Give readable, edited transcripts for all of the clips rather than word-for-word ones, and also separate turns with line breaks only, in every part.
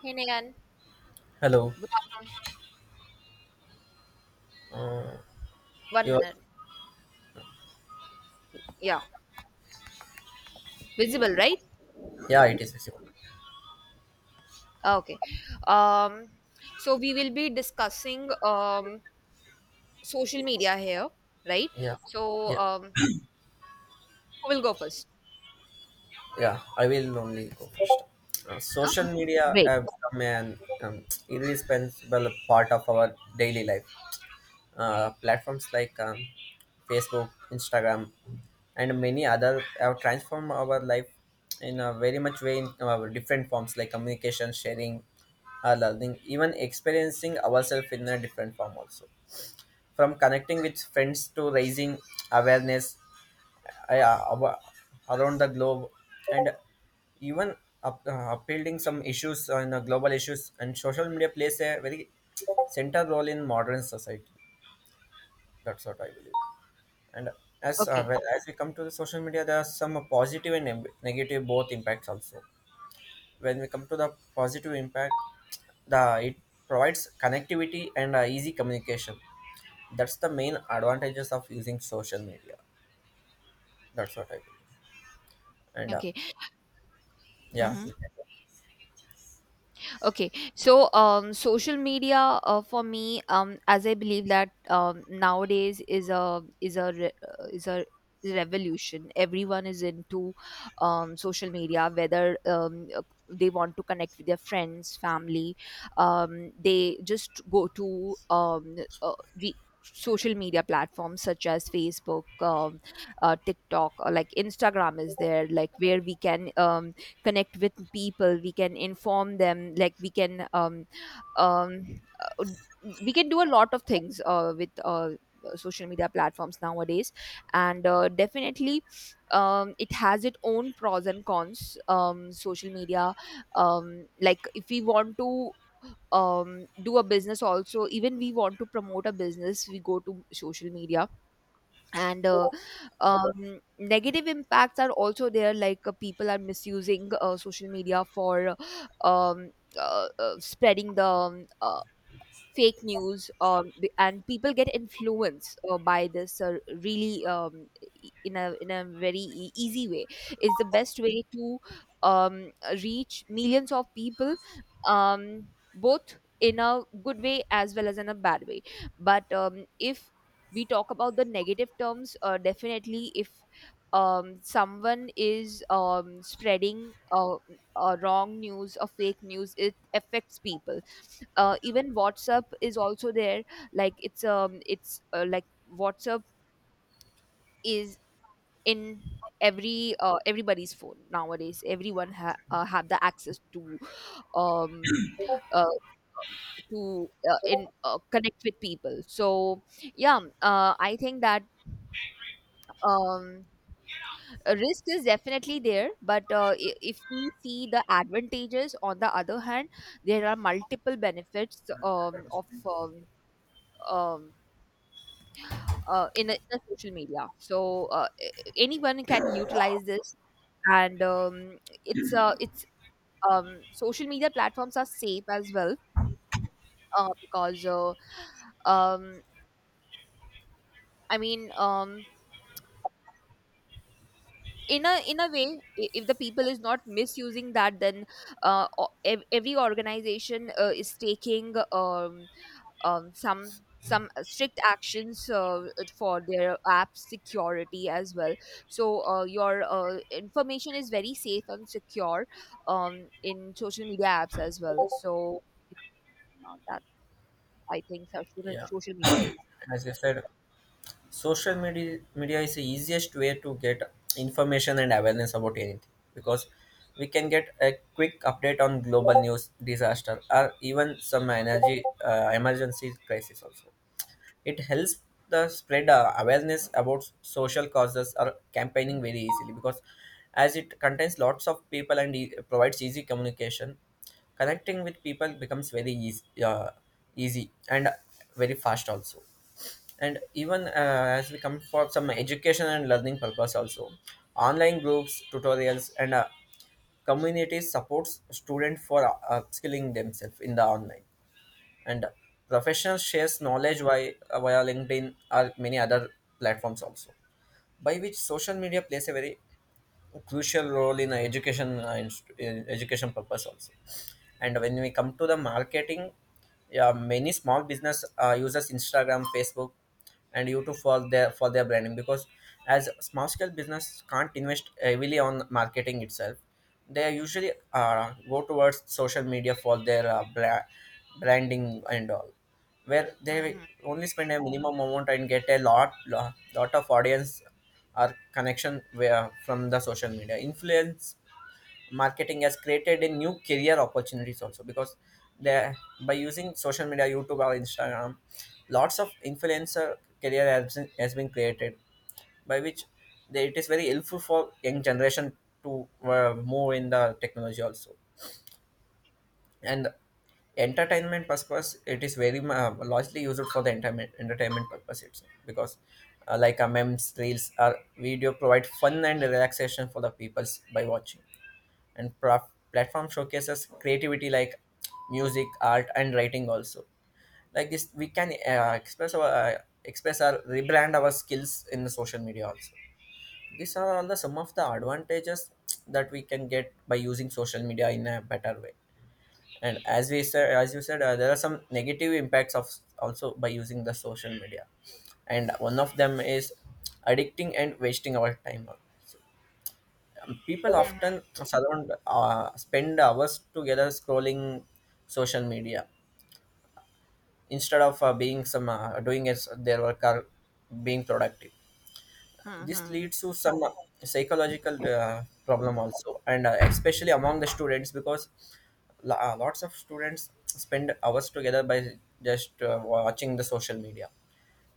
Hey Nayan,
Hello.
good afternoon.
Uh,
One
you are-
minute. Yeah, visible, right?
yeah, it is visible.
Okay. Um, so we will be discussing social media here, right?
Yeah,
So
yeah,
um, who will go first?
yeah. I will only go first. Social
Okay.
media
Great.
have become an indispensable part of our daily life. Platforms like Facebook, Instagram, and many other have transformed our life in a very much way in our different forms like communication, sharing, learning, even experiencing ourselves in a different form also, from connecting with friends to raising awareness, I, uh, ab- around the globe, and even upholding some issues on global issues. And social media plays a very central role in modern society, that's what I believe. And as
Okay.
as we come to the social media, there are some positive and negative both impacts also. When we come to the positive impact, the it provides connectivity and easy communication. That's the main advantages of using social media, that's what I believe. And
Okay.
yeah you
Mhm.
can-
Social media, for me, as I believe that nowadays is a revolution. Everyone is into social media, whether they want to connect with their friends, family, they just go to re- social media platforms such as Facebook, TikTok, or like Instagram is there, like where we can connect with people, we can inform them, like um, uh, we can do a lot of things with social media platforms nowadays. And Definitely it has its own pros and cons, social media. Like, if we want to do a business, also even we want to promote a business, we go to social media. And Negative impacts are also there, like people are misusing social media for spreading the fake news, and people get influenced by this, really, in a very easy way. It's the best way to um, reach millions of people, um, both in a good way as well as in a bad way. But If we talk about the negative terms, definitely if someone is spreading wrong news or fake news, it affects people. Even WhatsApp is also there. Like it's um it's uh, like WhatsApp is in every everybody's phone nowadays. Everyone have the access um uh, to in connect with people. So yeah, I think that um a risk is definitely there, but if we see the advantages on the other hand, there are multiple benefits of um, in in a social media. So anyone can utilize this, and it's social media platforms are safe as well, because um, I mean. Um, in a way, if the people is not misusing that, then every organization is taking um, some some strict actions for their app security as well. So your information is very safe and secure in social media apps as well. So yeah, that I think so- social
Yeah,
social media is.
as you said, social media is the easiest way to get information and awareness about anything, because we can get a quick update on global news, disaster, or even some energy emergency crisis also. It helps the spread awareness about social causes or campaigning very easily, because as it contains lots of people and provides easy communication, connecting with people becomes very easy, easy and very fast also. And even as we come for some education and learning purpose also, online groups, tutorials, and communities supports students for upskilling themselves in the online, and professional shares knowledge via LinkedIn or many other platforms also, by which social media plays a crucial role in in education purpose also. And when we come to the marketing, yeah, many small business uses Instagram, Facebook, and YouTube for their branding, because as small scale business can't invest heavily on marketing itself, they usually go towards social media for their branding and all, where they
Hmm.
only spend a minimum amount and get a lot of audience or connection. Where from the social media influence marketing has created a new career opportunities also, because they, by using social media, YouTube or Instagram, lots of influencer career has been created, by which it is very helpful for young generation to move in the technology also. And entertainment purpose, it is very largely used for the entertainment purpose itself, because like a memes, reels, or video provide fun and relaxation for the peoples by watching. And platform showcases creativity like music, art, and writing also. Like this, we can express our rebrand our skills in the social media also. These are all the some of the advantages that we can get by using social media in a better way. And as we said as you said, there are some negative impacts of also by using the social media, and one of them is addicting and wasting our time. So, people
Hmm.
often spend hours together scrolling social media instead of being some doing as their work or being productive. This
Hmm.
leads to some psychological problem also, and especially among the students, because lots of students spend hours together by just watching the social media,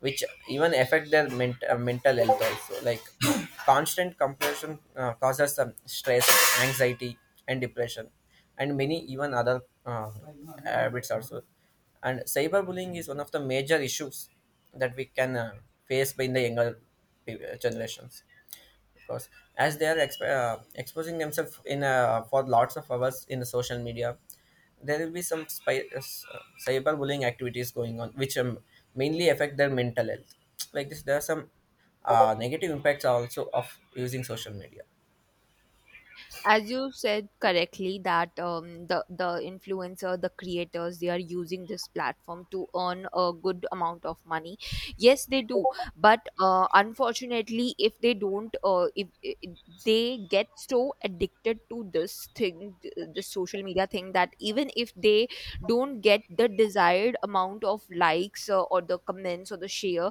which even affect their mental health also, like constant comparison causes some stress, anxiety, and depression, and many even other habits also. And cyberbullying is one of the major issues that we can face by in the younger generations, because as they are exposing themselves in for lots of hours in the social media, there will be some cyberbullying activities going on, which mainly affect their mental health. Like this, there are some negative impacts also of using social media.
As you said correctly that the influencer, the creators, they are using this platform to earn a good amount of money. Yes, they do, but unfortunately if they don't if, I they get so addicted to this thing, this social media thing that even if they don't get the desired amount of likes or the comments or the share,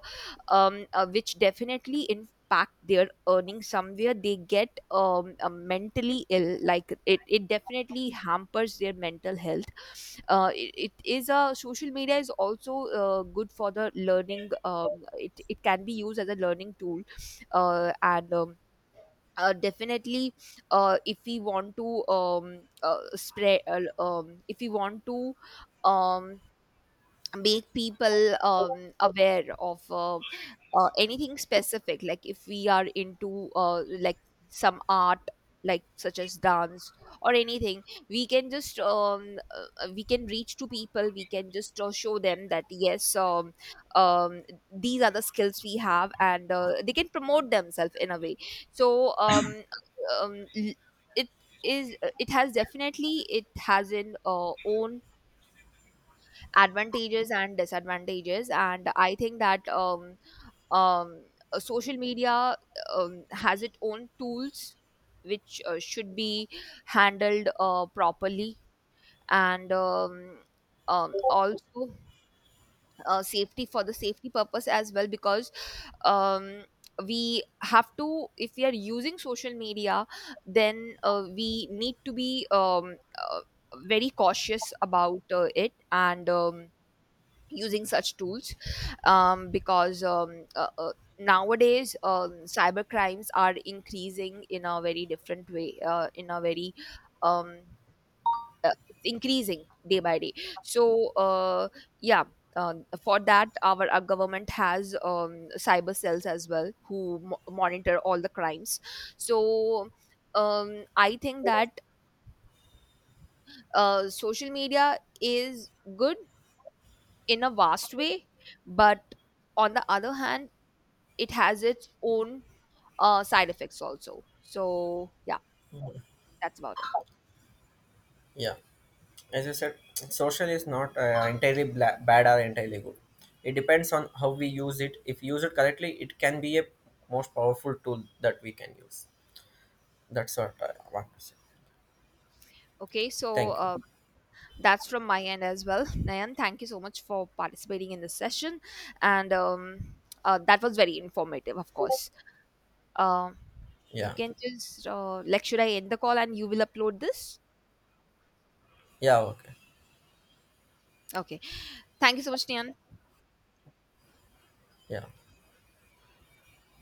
which definitely pack their earnings somewhere, they get mentally ill. Like it definitely hampers their mental health. It is, a social media is also good for the learning. It can be used as a learning tool. And Definitely if we want to spread if we want to um, make people aware of anything specific, like if we are into like some art, like such as dance or anything, we can just we can reach to people, we can just show them that yes, um, these are the skills we have and they can promote themselves in a way. So um, l- it is, it has, definitely it has an own advantages and disadvantages, and I think that um, social media has its own tools which should be handled properly, and also safety, for the safety purpose as well, because um, we have to, if we are using social media, then we need to be uh, very cautious about it, and using such tools, because nowadays cyber crimes are increasing in a very different way, in a very um, it's increasing day by day. so uh, yeah for that, our government has cyber cells as well who monitor all the crimes. So, I think that social media is good in a vast way, but on the other hand, it has its own side effects also. So yeah, that's about it.
Yeah, as you said, social is not entirely bad or entirely good. It depends on how we use it. If you use it correctly, it can be a most powerful tool that we can use. That's what I want to say.
Okay, so
Thank you.
that's from my end as well. Nayan, thank you so much for participating in this session, and that was very informative, of course. Um, you
Yeah.
can just like, should I end the call and you will upload this?
Yeah. Okay.
Okay, thank you so much, Nayan.
Yeah.